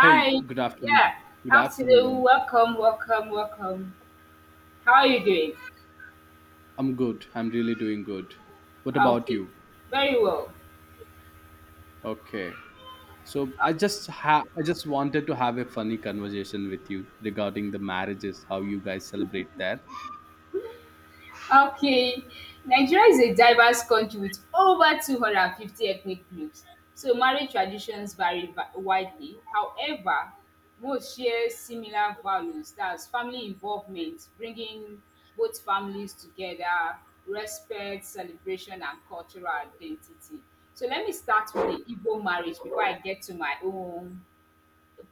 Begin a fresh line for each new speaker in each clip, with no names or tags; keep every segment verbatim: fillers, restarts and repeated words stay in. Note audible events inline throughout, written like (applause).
Hey, good afternoon.
Yeah.
Good
Afternoon.
afternoon.
Welcome, welcome, welcome. How are you doing?
I'm good. I'm really doing good. What
Ah,
about
okay.
you?
Very well.
Okay. So I just ha- I just wanted to have a funny conversation with you regarding the marriages, how you guys celebrate that.
Okay, Nigeria is a diverse country with over two hundred fifty ethnic groups, so marriage traditions vary va- widely. However, most share similar values, that's family involvement, bringing both families together, respect, celebration, and cultural identity. So let me start with the Igbo marriage before I get to my own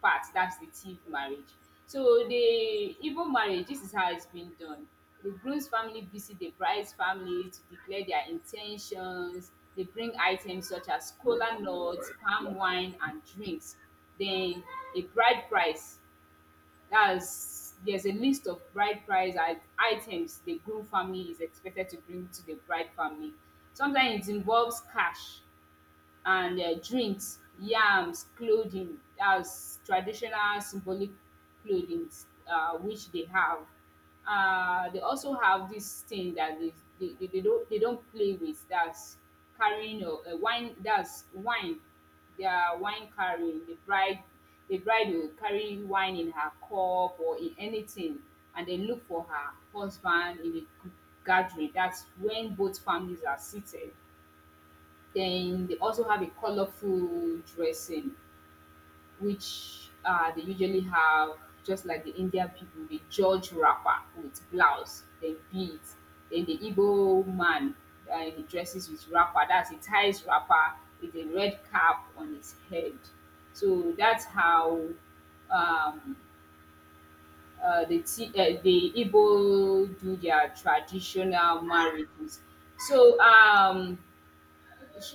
part, that's the thief marriage. So the Igbo marriage, this is how it's been done. The groom's family visit the bride's family to declare their intentions. They bring items such as kola nuts, palm wine and drinks. Then a bride price. That's, there's a list of bride price i- items the groom family is expected to bring to the bride family. Sometimes it involves cash and uh, drinks, yams, clothing. That's traditional symbolic clothing uh, which they have. Uh, they also have this thing that they, they, they, they don't, they don't play with. That's carrying a, a wine. That's wine. Their wine, carrying the bride. The bride will carry wine in her cup or in anything, and they look for her husband in the gathering. That's when both families are seated. Then they also have a colorful dressing, which uh, they usually have, just like the Indian people, the George wrapper with blouse, then beads. Then the Igbo man, uh, he dresses with wrapper. That's a ties wrapper with a red cap on his head. So that's how um, uh, the T- uh, the Igbo do their traditional marriages. So um,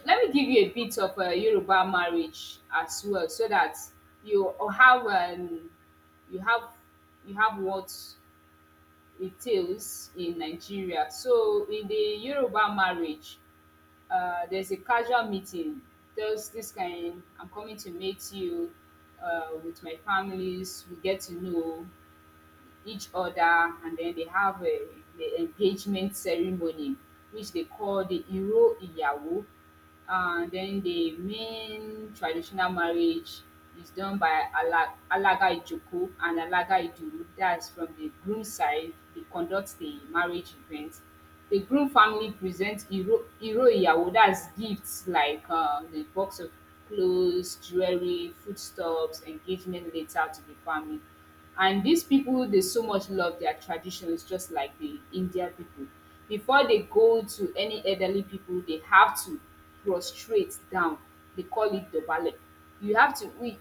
let me give you a bit of uh, Yoruba marriage as well, so that you or have um, you have you have what it entails in Nigeria. So in the Yoruba marriage, uh, there's a casual meeting. There's this kind. I'm coming to meet you uh, with my families. We get to know each other, and then they have a, the engagement ceremony, which they call the iro iyawo, and then the main traditional marriage is done by Ala- alaga Ijoku and alaga iduru. That's from the groom side, they conduct the marriage event. The groom family presents iro iro iyawo, that's gifts like uh, the box of clothes, jewelry, foodstuffs, engagement letter to the family. And these people, they so much love their traditions, just like the India people. Before they go to any elderly people, they have to prostrate down. They call it dobale. You have to we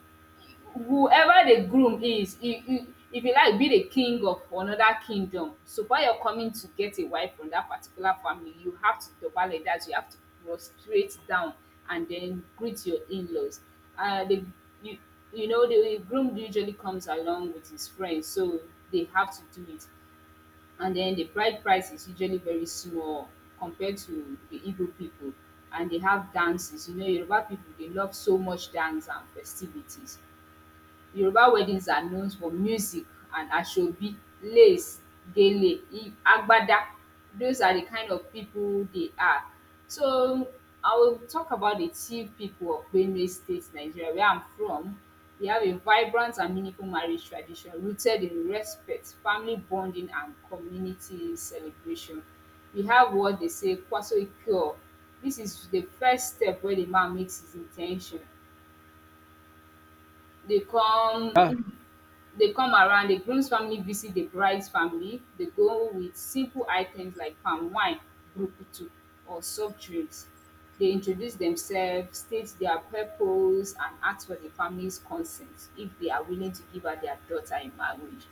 Whoever the groom is, if you if you like be the king of another kingdom, so while you're coming to get a wife from that particular family, you have to dobale that. You have to prostrate down and then greet your in-laws. uh, the you, you know, the groom usually comes along with his friends, so they have to do it. And then the bride price is usually very small compared to the Igbo people. And they have dances. You know, Yoruba people, they love so much dance and festivities. Yoruba weddings are known for music and asoebi, lace, gele, i- agbada. Those are the kind of people they are. So I will talk about the chief people of Benue State, Nigeria, where I'm from. They have a vibrant and meaningful marriage tradition rooted in respect, family bonding, and community celebration. We have what they say, Kwaso Ikeo. This is the first step where the man makes his intention. They come,
Yeah,
mm, they come around, the groom's family visit the bride's family. They go with simple items like palm wine, brukutu, or soft drinks. They introduce themselves, state their purpose, and ask for the family's consent if they are willing to give her, their daughter, in marriage.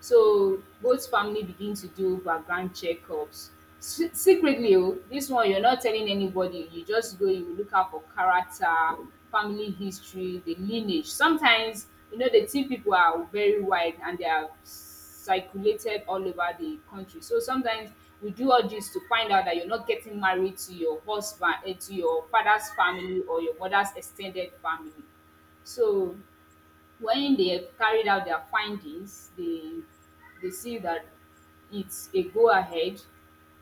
So both family begin to do background checkups. Se- secretly, oh, this one you're not telling anybody, you just go, you look out for character, family history, the lineage. Sometimes, you know, the tea people are very wide and they are circulated all over the country, so sometimes we do all this to find out that you're not getting married to your husband, eh, to your father's family or your mother's extended family. So when they have carried out their findings, they they see that it's a go ahead,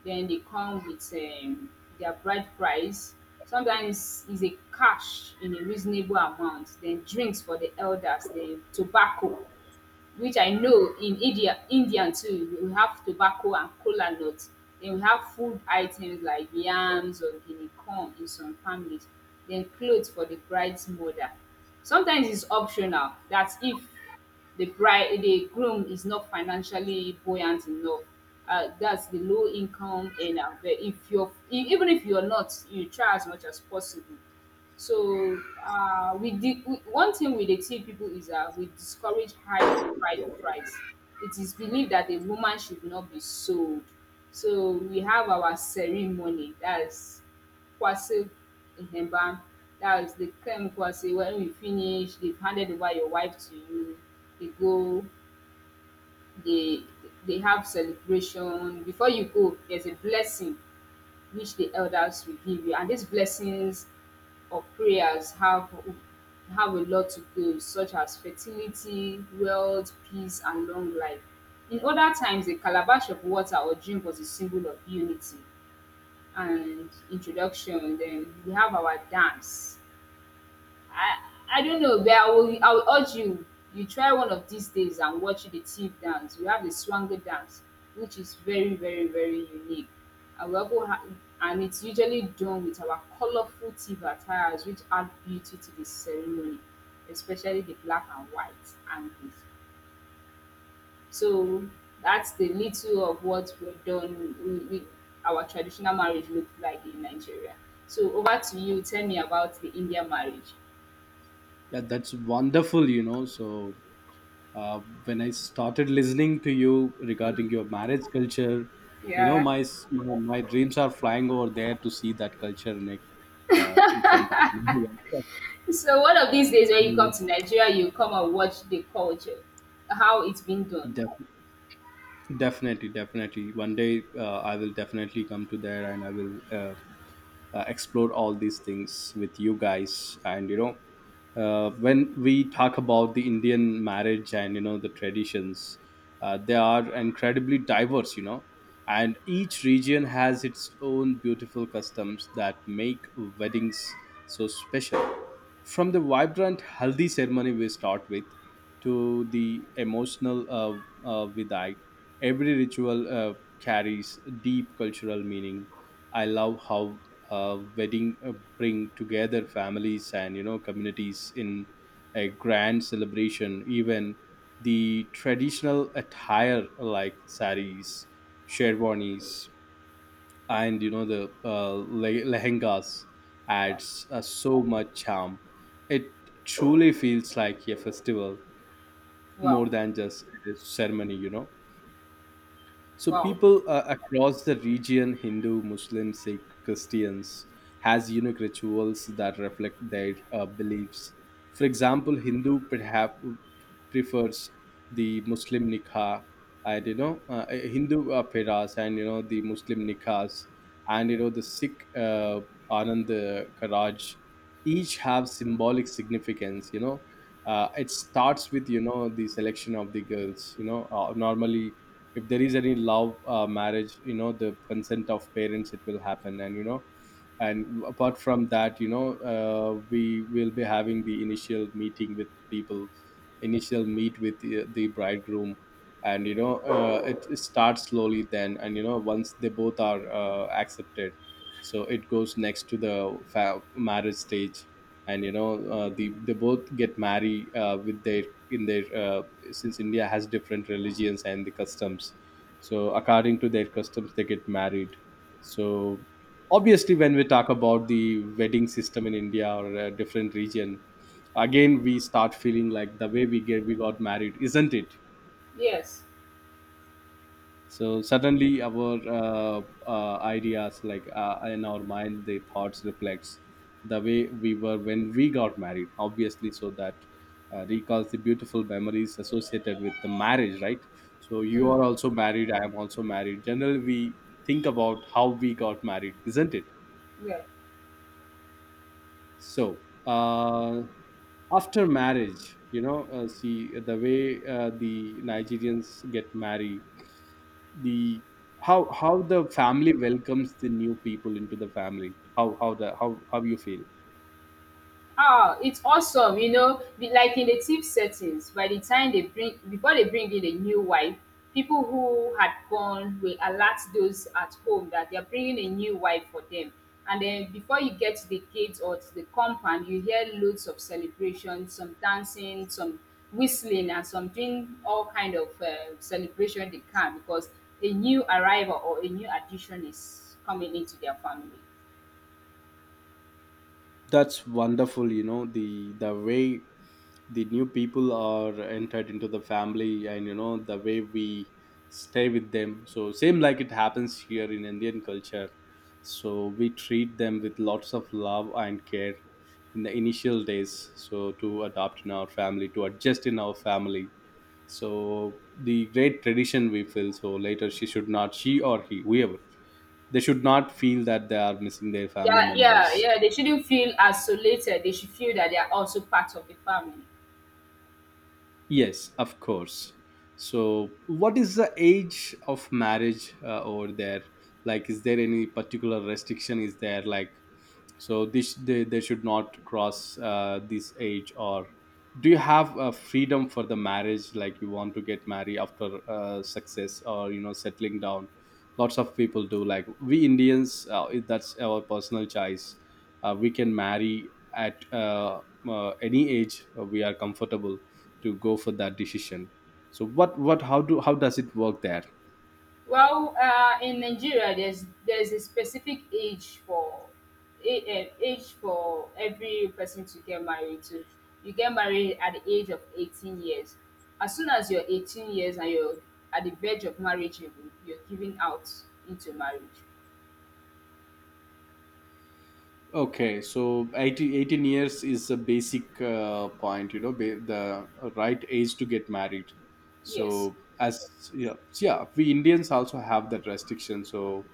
then they come with um, their bride price. Sometimes is a cash in a reasonable amount, then drinks for the elders, then tobacco, which I know in India, Indian too, we have tobacco and kola nut. Then we have food items like yams or guinea corn in some families. Then clothes for the bride's mother. Sometimes it's optional. That's if the bride, the groom is not financially buoyant enough. Uh, that's the low income earner. But if you're, e- even if you're not, you try as much as possible. So uh, we did we, one thing we dey tell people is that we discourage high bride price. It is believed that a woman should not be sold. So we have our ceremony, that's Kwase Ihemba. That is the Kem Kwase. When we finish, they've handed over your wife to you. They go, they they have celebration. Before you go, there's a blessing which the elders will give you. And these blessings or prayers have have a lot to do, such as fertility, wealth, peace, and long life. In other times, a calabash of water or drink was a symbol of unity and introduction. Then we have our dance. I I don't know, but I will I will urge you, you try one of these days and watch the Tiv dance. We have the Swanger dance, which is very very very unique. And we also ha And it's usually done with our colorful Tiv attires, which add beauty to the ceremony, especially the black and white angles. So that's the little of what we're done we we our traditional marriage look like in Nigeria. So over to you, tell me about the Indian marriage.
yeah, that's wonderful. You know, so uh, when I started listening to you regarding your marriage culture, you know,
Yeah.
my s- my dreams are flying over there to see that culture in, a- uh, in front of me. (laughs) Yes.
So one of these days when you
mm,
come to Nigeria, you come and watch the culture, how it's been done.
Definitely, definitely. One day, uh, I will definitely come to there and I will uh, uh, explore all these things with you guys. And, you know, uh, when we talk about the Indian marriage and, you know, the traditions, uh, they are incredibly diverse, you know, and each region has its own beautiful customs that make weddings so special. From the vibrant Haldi ceremony we start with, to the emotional uh, uh, Vidai. Every ritual uh, carries deep cultural meaning. I love how uh, wedding uh, bring together families and, you know, communities in a grand celebration. Even the traditional attire like saris, sherwanis, and, you know, the uh, le- lehengas
Wow,
adds uh, so much charm. It truly feels like a festival more
wow,
than just a ceremony, you know. So
wow.
people uh, across the region, Hindu, Muslim, Sikh, Christians, has unique rituals that reflect their uh, beliefs. For example, Hindu perhaps prefers the Muslim nikah, and, you know, uh, Hindu uh, peras, and, you know, the Muslim nikas, and, you know, the Sikh uh, Anand uh, Karaj, each have symbolic significance. You know, uh, it starts with, you know, the selection of the girls. You know, uh, normally if there is any love uh, marriage, you know, the consent of parents, it will happen. And, you know, and apart from that, you know, uh, we will be having the initial meeting with people, initial meet with the, the bridegroom. And, you know, uh, it, it starts slowly then, and, you know, once they both are uh, accepted, so it goes next to the fa- marriage stage. And, you know, uh, the, they both get married uh, with their in their uh, since india has different religions and the customs, so according to their customs they get married. So obviously when we talk about the wedding system in india or a different region, again we start feeling like the way we get we got married, isn't it?
Yes.
So suddenly our uh, uh, ideas, like, uh, in our mind the thoughts reflects the way we were when we got married obviously, so that uh, recalls the beautiful memories associated with the marriage, right? So you
Hmm.
are also married, I am also married, generally we think about how we got married, isn't it?
Yeah.
So uh, after marriage, you know, uh, see uh, the way uh, the nigerians get married. The how how the family welcomes the new people into the family, how how the how how you feel.
Oh, it's awesome, you know, be- like in the tip settings, by the time they bring before they bring in a new wife, people who had gone will alert those at home that they're bringing a new wife for them. And then before you get to the gate or to the compound, you hear loads of celebration, some dancing, some whistling, and some doing all kind of uh, celebration they can, because a new arrival or a new addition is coming into their family.
That's wonderful, you know, the the way the new people are entered into the family, and, you know, the way we stay with them, so same like it happens here in indian culture. So we treat them with lots of love and care in the initial days, so to adopt in our family, to adjust in our family. So the great tradition we feel, so later she should not, she or he whoever, they should not feel that they are missing their family
Yeah, yeah,
members.
yeah. They shouldn't feel isolated. They should feel that they are also part of the family.
Yes, of course. So, what is the age of marriage uh, over there? Like, is there any particular restriction? Is there like so this they, they should not cross uh, this age, or do you have a freedom for the marriage, like you want to get married after uh, success or, you know, settling down, lots of people do, like we indians, uh, it- that's our personal choice. Uh, we can marry at uh, uh, any age uh, we are comfortable to go for that decision. So what what how do how does it work there?
Well, uh, in Nigeria, there's there's a specific age for a- uh, age for every person to get married to. You get married at the age of eighteen years. As soon as you're eighteen years and you're at the verge of marriage, you're you're giving out into marriage.
Okay, so eighteen eighteen years is a basic uh, point, you know, ba- the right age to get married.
Yes.
So, as yeah, so yeah, we Indians also have that restriction. So,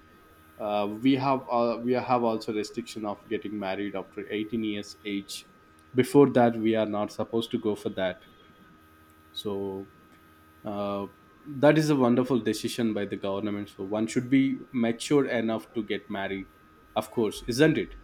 uh, we have uh, we have also restriction of getting married after eighteen years age. Before that, we are not supposed to go for that. So, uh, that is a wonderful decision by the government. So, one should be mature enough to get married, of course, isn't it?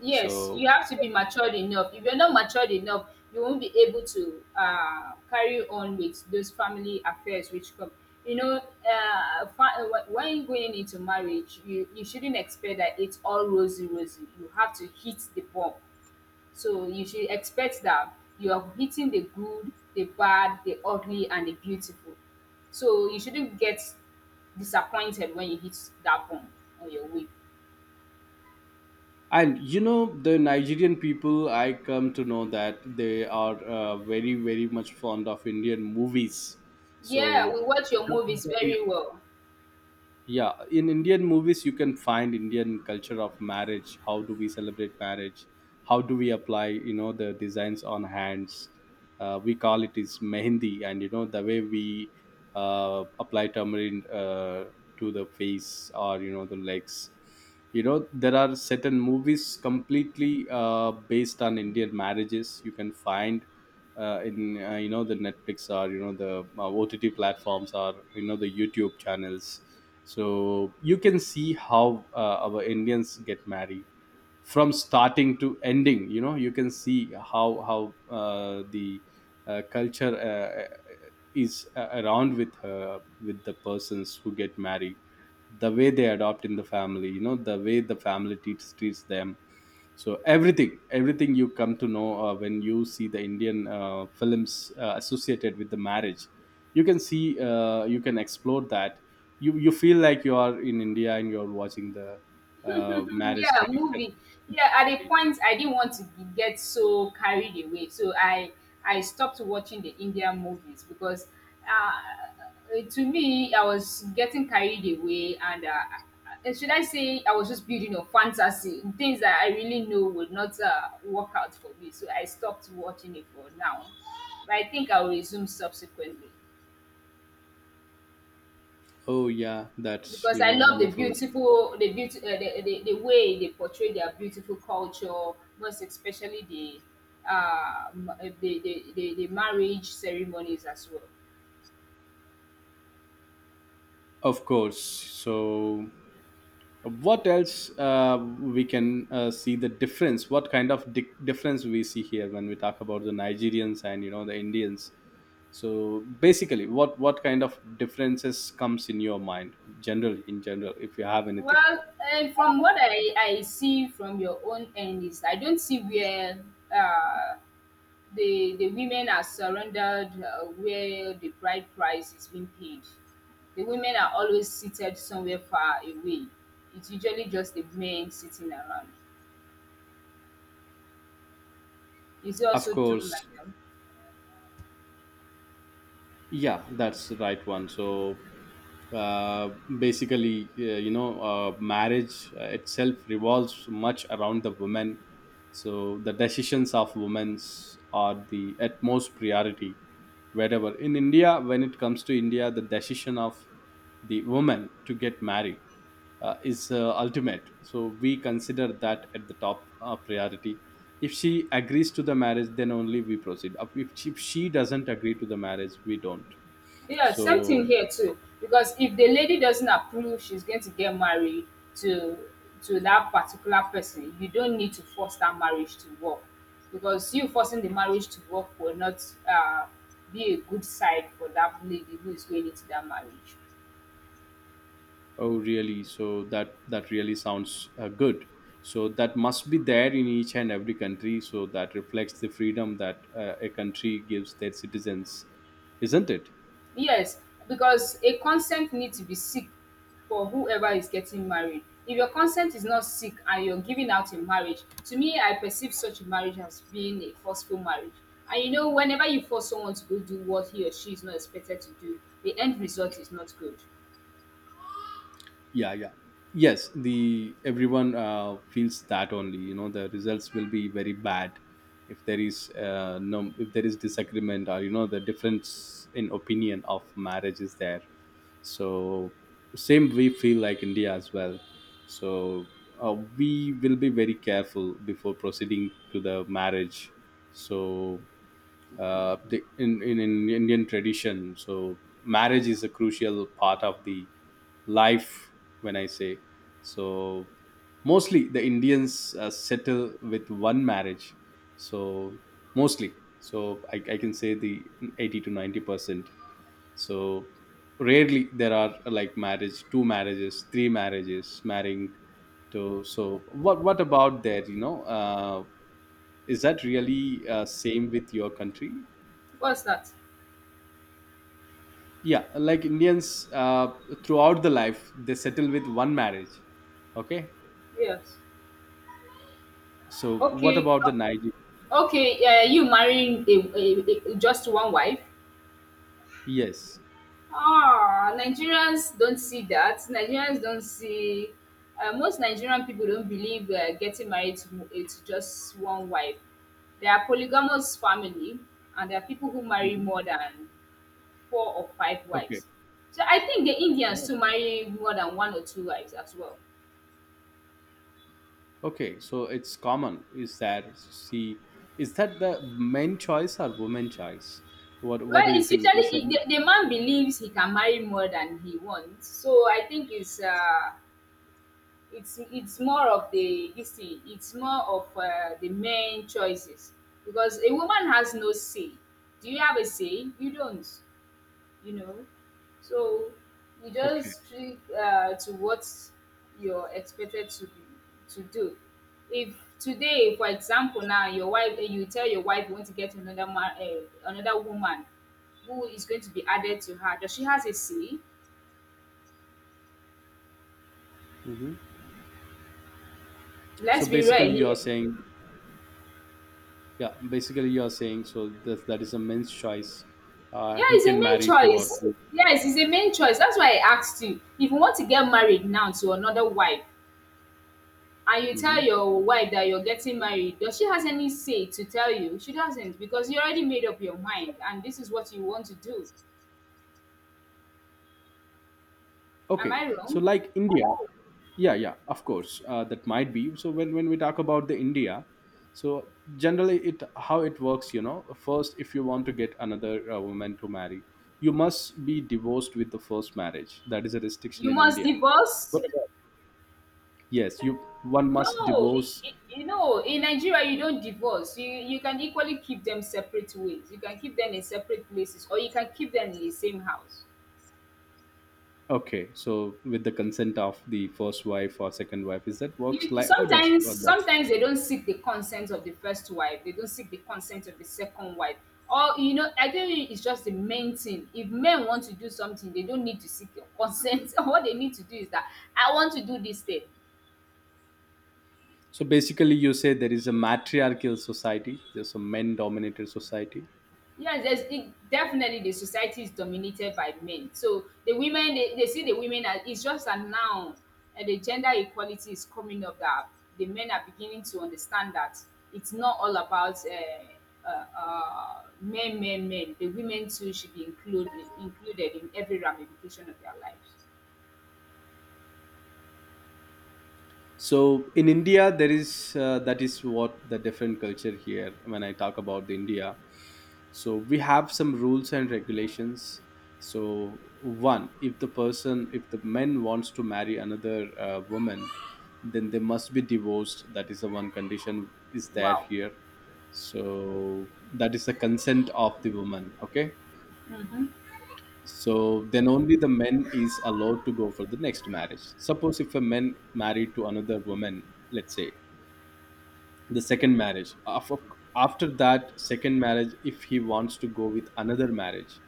Yes,
So
you have to be matured enough. If you're not matured enough, you won't be able to uh, carry on with those family affairs which come. You know, uh, fa- wh- when going into marriage, you, you shouldn't expect that it's all rosy, rosy. You have to hit the ball. So you should expect that you are hitting the good, the bad, the ugly, and the beautiful. So you shouldn't get disappointed when you hit that bomb on your way.
and, you know, the nigerian people, I come to know that they are uh, very, very much fond of indian movies.
Yeah,
So
we watch your movies
yeah,
very well.
yeah, in indian movies you can find indian culture of marriage, how do we celebrate marriage, how do we apply, you know, the designs on hands, uh, we call it is mehendi, and, you know, the way we uh, apply tamarind uh, to the face or, you know, the legs. You know, there are certain movies completely uh, based on indian marriages, you can find uh, in uh, you know, the netflix, or, you know, the uh, ott platforms, or, you know, the youtube channels. So you can see how uh, our indians get married from starting to ending, you know, you can see how how uh, the uh, culture uh, uh, is uh, around with her with the persons who get married, the way they adopt in the family, you know, the way the family treats treats them. So everything, everything you come to know uh, when you see the indian uh, films uh, associated with the marriage, you can see uh, you can explore that. you you feel like you are in india and you're watching the uh,
(laughs)
marriage
Yeah,
tradition.
movie. Yeah, at a point I didn't want to be, get so carried away, so I I stopped watching the Indian movies, because uh, uh, to me I was getting carried away. And Uh, uh, should I say I was just building a fantasy, things that I really know would not uh, work out for me. So I stopped watching it for now. But I think I'll resume subsequently.
Oh yeah, that's,
Because
you
I
know,
love the
wonderful.
beautiful, the beauty, uh, the, the, the way they portray their beautiful culture, most especially the um, uh, the, the, the, the marriage ceremonies as well.
Of course. So what else uh, we can uh, see the difference, what kind of di- difference we see here when we talk about the nigerians and, you know, the indians. So basically what what kind of differences comes in your mind generally, in general, if you have anything.
Well, and from what I, I see from your own end is I don't see where uh, the the women are surrendered, uh, where the bride price is being paid. The women are always seated somewhere far away. It's usually just the men sitting around. Is he
Of
also doing
course.
like them?
Yeah, that's the right one. So uh, basically, uh, you know uh, marriage uh, itself revolves much around the women, so the decisions of women are the utmost priority. Wherever in india, when it comes to india, the decision of the woman to get married uh, is uh, ultimate, so we consider that at the top uh, priority. If she agrees to the marriage, then only we proceed. If she, if she doesn't agree to the marriage, we don't.
Yeah, same thing
So
here too. Because if the lady doesn't approve, she's going to get married to to that particular person. You don't need to force that marriage to work, because you forcing the marriage to work will not uh, be a good side for that lady who is going into that marriage.
oh, really? So that, that really sounds uh, good. So that must be there in each and every country. So that reflects the freedom that uh, a country gives their citizens, isn't it?
Yes, because a consent need to be seek for whoever is getting married. If your consent is not seek and you're giving out in marriage, to me, I perceive such a marriage as being a forceful marriage. And you know, whenever you force someone to go do what he or she is not expected to do, the end result is not good.
Yeah, yeah, yes the everyone uh, feels that only, you know, the results will be very bad if there is uh, no, if there is disagreement, or, you know, the difference in opinion of marriage is there. So same we feel like india as well. So uh, we will be very careful before proceeding to the marriage. So uh, the, in, in in Indian tradition. So marriage is a crucial part of the life. When I say so, mostly the Indians uh, settle with one marriage. So mostly, so I, I can say the eighty to ninety percent. So rarely there are uh, like marriage, two marriages, three marriages, marrying to. So what what about that? You know, uh, is that really uh, same with your country?
What's that?
Yeah, like indians uh, throughout the life they settle with one marriage. Okay.
Yes.
So what
Okay.
about the
uh,
niger.
Okay. Uh, you marrying a, a, a, just one wife?
Yes.
Ah, Nigerians don't see that. Nigerians don't see uh, most Nigerian people don't believe uh, getting married to, mo- eh, to just one wife. There are polygamous family, and there are people who marry
Hmm.
more than four or five
Okay.
wives. So I think the Indians
Oh.
too marry more than one or two wives as well.
Okay, so it's common, is that see, is that the men choice or women choice, what what
Well,
do you
it's
think, is
usually
that?
the, the man believes he can marry more than he wants. So I think it's uh, it's it's more of the this thing it's more of uh, the men choices because a woman has no say. Do you have a say? You don't, you know. So you
Okay.
just stick uh, to what you're expected to be, to do. If today for example now your wife, eh, you tell your wife you want to get another man, uh, another woman who is going to be added to her, does she has a say?
Hmm. So
Let's be real
basically you are
here.
saying, yeah basically you are saying so that, that is a men's choice, uh,
Yeah,
he
it's a
can
main
marry two or
choice.
three.
Yes, it's a main choice. That's why I asked you. If you want to get married now to another wife, and you
Hmm.
tell your wife that you're getting married, does she has any say to tell you? She doesn't, because you already made up your mind and this is what you want to do. Am
Okay.
I
So
wrong?
like india. Yeah, yeah, of course, uh, that might be. So when when we talk about the india, so generally it how it works, you know, first if you want to get another uh, woman to marry, you must be divorced with the first marriage, that is a restriction
You
in
must
india.
divorce?
What about? Yes, you, one must
No, I-
divorce.
I- You know, in Nigeria you don't divorce. You you can equally keep them separate ways. You can keep them in separate places or you can keep them in the same house.
Okay, so with the consent of the first wife or second wife, is that works,
You,
like how does
sometimes
work that?
sometimes they don't seek the consent of the first wife, they don't seek the consent of the second wife, or you know, I think it's just the main thing. If men want to do something, they don't need to seek your consent. (laughs) What they need to do is that I want to do this thing.
So basically you say there is a matriarchal society, there's a men dominated society.
Yes, there's, it definitely, the society is dominated by men. So the women, they, they see the women as it's just that now, and the gender equality is coming up, that the men are beginning to understand that it's not all about uh, uh, uh, men, men, men. The women too should be included included in every ramification of their lives.
So in India, there is uh, that is what the different culture here when I talk about the India. So we have some rules and regulations. So one, if the person, if the man wants to marry another uh, woman, then they must be divorced. That is the one condition is there
Wow.
here. So that is the consent of the woman. Okay.
Mhm.
So then only the men is allowed to go for the next marriage. Suppose if a man married to another woman, let's say the second marriage, Af- after that second marriage, if he wants to go with another marriage,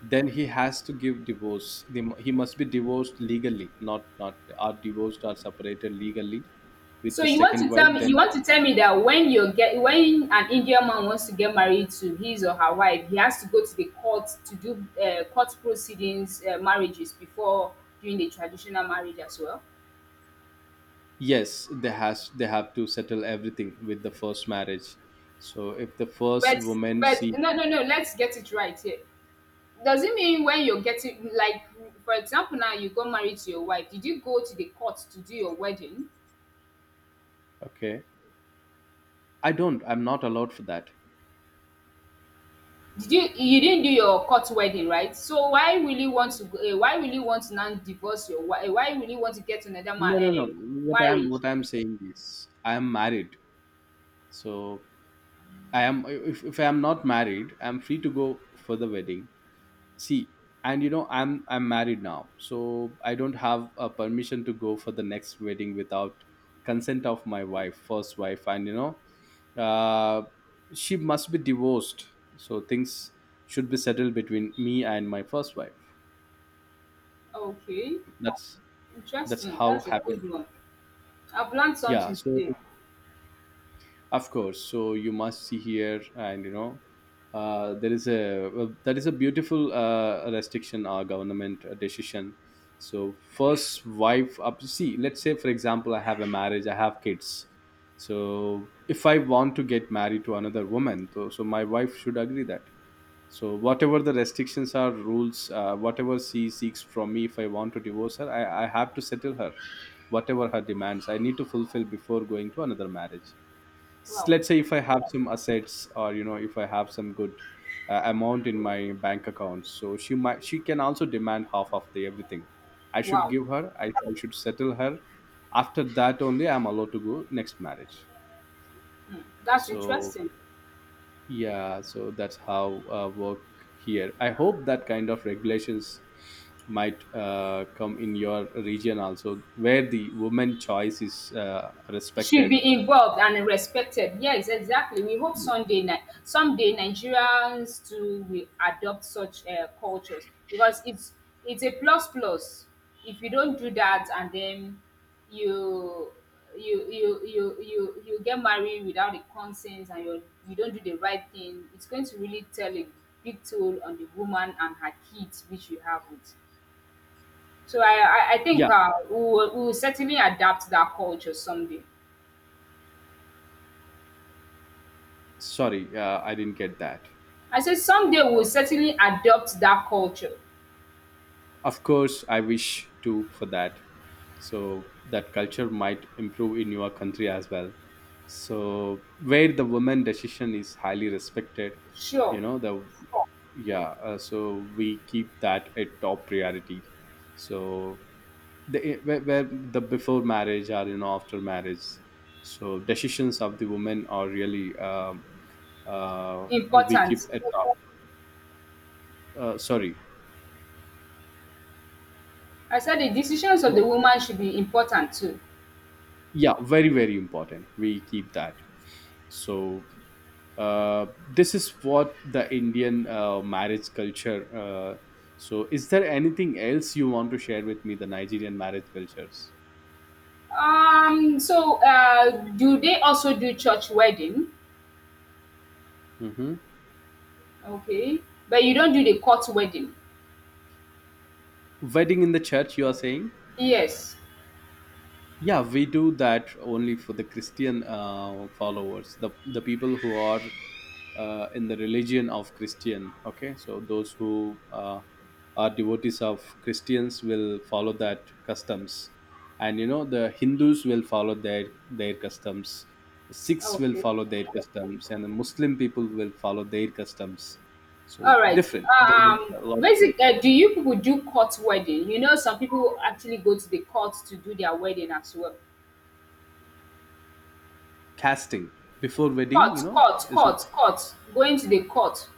then he has to give divorce. The- he must be divorced legally, not not are divorced or separated legally with
So
the
you want
second
to
wife.
tell me, you
Then
want to tell me that when you get, when an Indian man wants to get married to his or her wife, he has to go to the court to do, uh, court proceedings, uh, marriages before doing the traditional marriage as well?
yes, they has they have to settle everything with the first marriage. So if the first
But
woman,
but
see.
no, no, no, let's get it right here. Does it mean when you're getting like, for example, now you got married to your wife, did you go to the court to do your wedding?
Okay, I don't, I'm not allowed for that.
Did you, you didn't do your court wedding, right? So why will you want to go, eh, why will you want to now divorce your wi eh, why will you want to get another ma
No no no
eh,
What I'm,
marriage?
what I'm saying is I'm married. So I am, if, if I am not married, I'm free to go for the wedding. See, and you know, I'm I'm married now, so I don't have a permission to go for the next wedding without consent of my wife, first wife, and you know, uh, she must be divorced, so things should be settled between me and my first wife.
Okay,
That's that's
interesting.
how
That's a
happened.
good one. I've learned
Yeah,
something
so
today.
of course. So you must see here, and you know, uh, there is a, well, that is a beautiful uh, restriction or government uh, decision. So first wife up. See, let's say for example, I have a marriage, I have kids. So if I want to get married to another woman, so, so my wife should agree that. So whatever the restrictions are, rules, uh, whatever she seeks from me, if I want to divorce her, I, I have to settle her, whatever her demands. I need to fulfill before going to another marriage. S-
Wow,
let's say if I have some assets, or you know, if I have some good uh, amount in my bank account, so she might she can also demand half of the everything. I should
wow.
give her. i, I should settle her. After that only I'm allowed to go next marriage.
Hmm, that's
So
interesting.
yeah, so that's how uh, work here. I hope that kind of regulations might uh, come in your region also, where the woman choice is uh,
Should
respected.
be involved and respected. Yes, exactly. We hope
Yeah.
someday, Ni- someday Nigerians too will adopt such uh, cultures, because it's it's a plus plus. If you don't do that and then you you you you you, you get married without a consent and you, you don't do the right thing, it's going to really tell a big toll on the woman and her kids which you have with. So I I, I
Yeah.
think uh, we, will, we will certainly adapt that culture someday.
Sorry, uh, I didn't get that.
I said someday we'll certainly adopt that culture.
Of course, I wish too for that. So that culture might improve in your country as well. So where the woman decision is highly respected,
Sure,
you know the, yeah. Uh, so we keep that a top priority. So the eh, where, where the before marriage, or you know, after marriage, so decisions of the women are really um, uh, we keep
important.
at top. Uh, sorry,
I said the decisions of the woman should be important too.
yeah, very very important. We keep that. So uh, this is what the Indian uh, marriage culture. Uh, so is there anything else you want to share with me? The Nigerian marriage cultures.
Um, so uh, do they also do church wedding?
Hmm.
Okay, but you don't do the court wedding.
Wedding in the church, you are saying?
Yes.
Yeah, we do that only for the Christian uh, followers, the the people who are uh, in the religion of Christian. Okay, so those who uh, are devotees of Christians will follow that customs. And you know, the Hindus will follow their their customs, Sikhs will
Okay.
follow their customs, and the Muslim people will follow their customs. So
All right.
different, there is
Um,
a lot of
basically, uh, do you people do court wedding? You know, some people actually go to the court to do their wedding as well.
casting before wedding,
Court,
you know,
court,
is it?
court, court. Going to the court,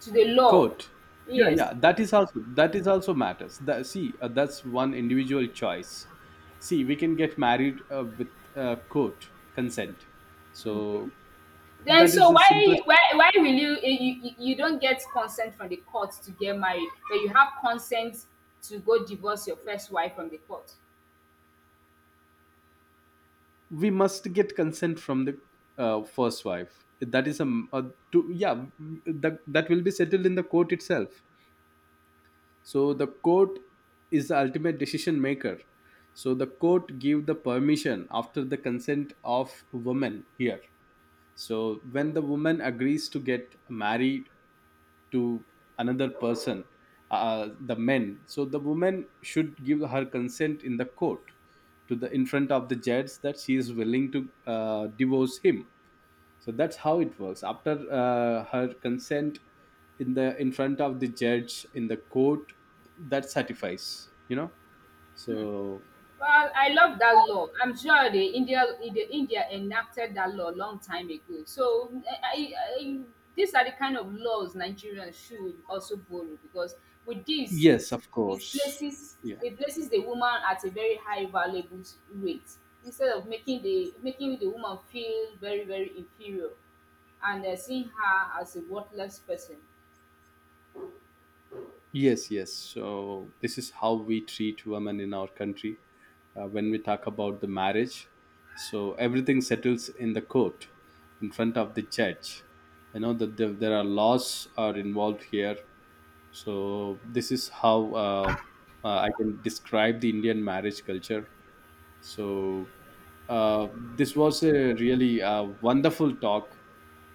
to the law.
Court. Yeah,
Yes.
yeah. That is also, that is also matters. That, see, uh, that's one individual choice. See, we can get married uh, with uh, quote consent.
Okay.
So
Then
that is
so
the simplest.
why why why will you you you you don't get consent from the court to get married, but you have consent to go divorce your first wife from the court.
We must get consent from the uh, first wife. That is a, m- a to, yeah. That that will be settled in the court itself. So the court is the ultimate decision maker. So the court give the permission after the consent of women here. So when the woman agrees to get married to another person, uh, the men, so the woman should give her consent in the court, to the in front of the judge, that she is willing to uh, divorce him. So that's how it works. After uh, her consent in the, in front of the judge in the court, that satisfies. You know. So
Well, I love that law. I'm sure the India, the India enacted that law a long time ago. So I, I, these are the kind of laws Nigerians should also borrow because with this, it
yes, of
it
course.
places,
Yeah.
it places the woman at a very high valuable rate, instead of making the, making the woman feel very very inferior and uh, seeing her as a worthless person.
Yes, yes. So this is how we treat women in our country. Uh, when we talk about the marriage, so everything settles in the court, in front of the judge. You know that there there are laws are involved here. So this is how uh, uh, I can describe the Indian marriage culture. So uh, this was a really uh, wonderful talk.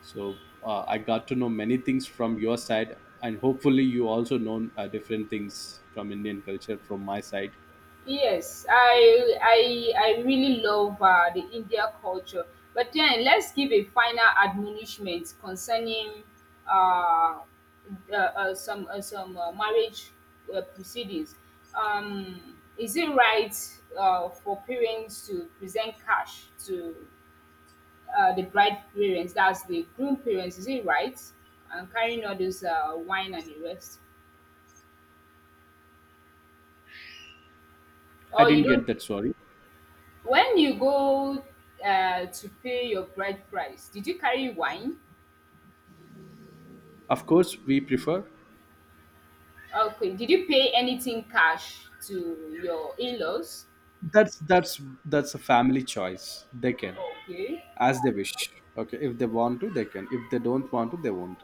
So uh, I got to know many things from your side, and hopefully you also know uh, different things from Indian culture from my side.
Yes, I I I really love uh, the India culture. But then let's give a final admonishment concerning uh, uh, uh, some uh, some uh, marriage uh, proceedings. Um, is it right uh, for parents to present cash to uh, the bride parents? That's the groom parents. Is it right? And carrying all those uh, wine and the rest,
I
or you
didn't
don't?
get that. Sorry.
When you go uh, to pay your bride price, did you carry wine?
Of course, we prefer.
Okay. Did you pay anything cash to your in-laws?
That's that's that's a family choice. They can
Okay.
as they wish. Okay, if they want to, they can. If they don't want to, they won't.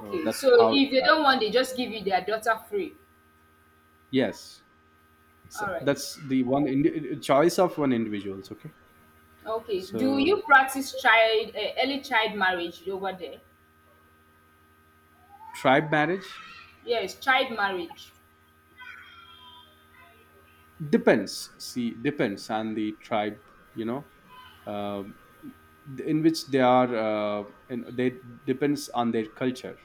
So that's
So
how it
if they don't
happens.
want, they just give you their daughter free.
Yes.
All
So
right.
that's the one indi- choice of one individuals. Okay.
Okay. Do
So
you practice child uh, early child marriage over there?
tribe marriage,
Yes, child marriage.
depends, see, depends on the tribe, you know, um, th- in which they are uh, in, they depends on their culture.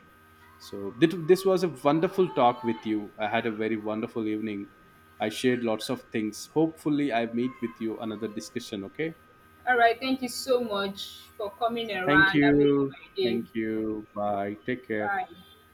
So thi- this was a wonderful talk with you. I had a very wonderful evening. I shared lots of things. Hopefully I meet with you another discussion. Okay,
All right. Thank you so much for coming
thank
around and making
you.
my day.
Thank you. Bye, take care.
Bye.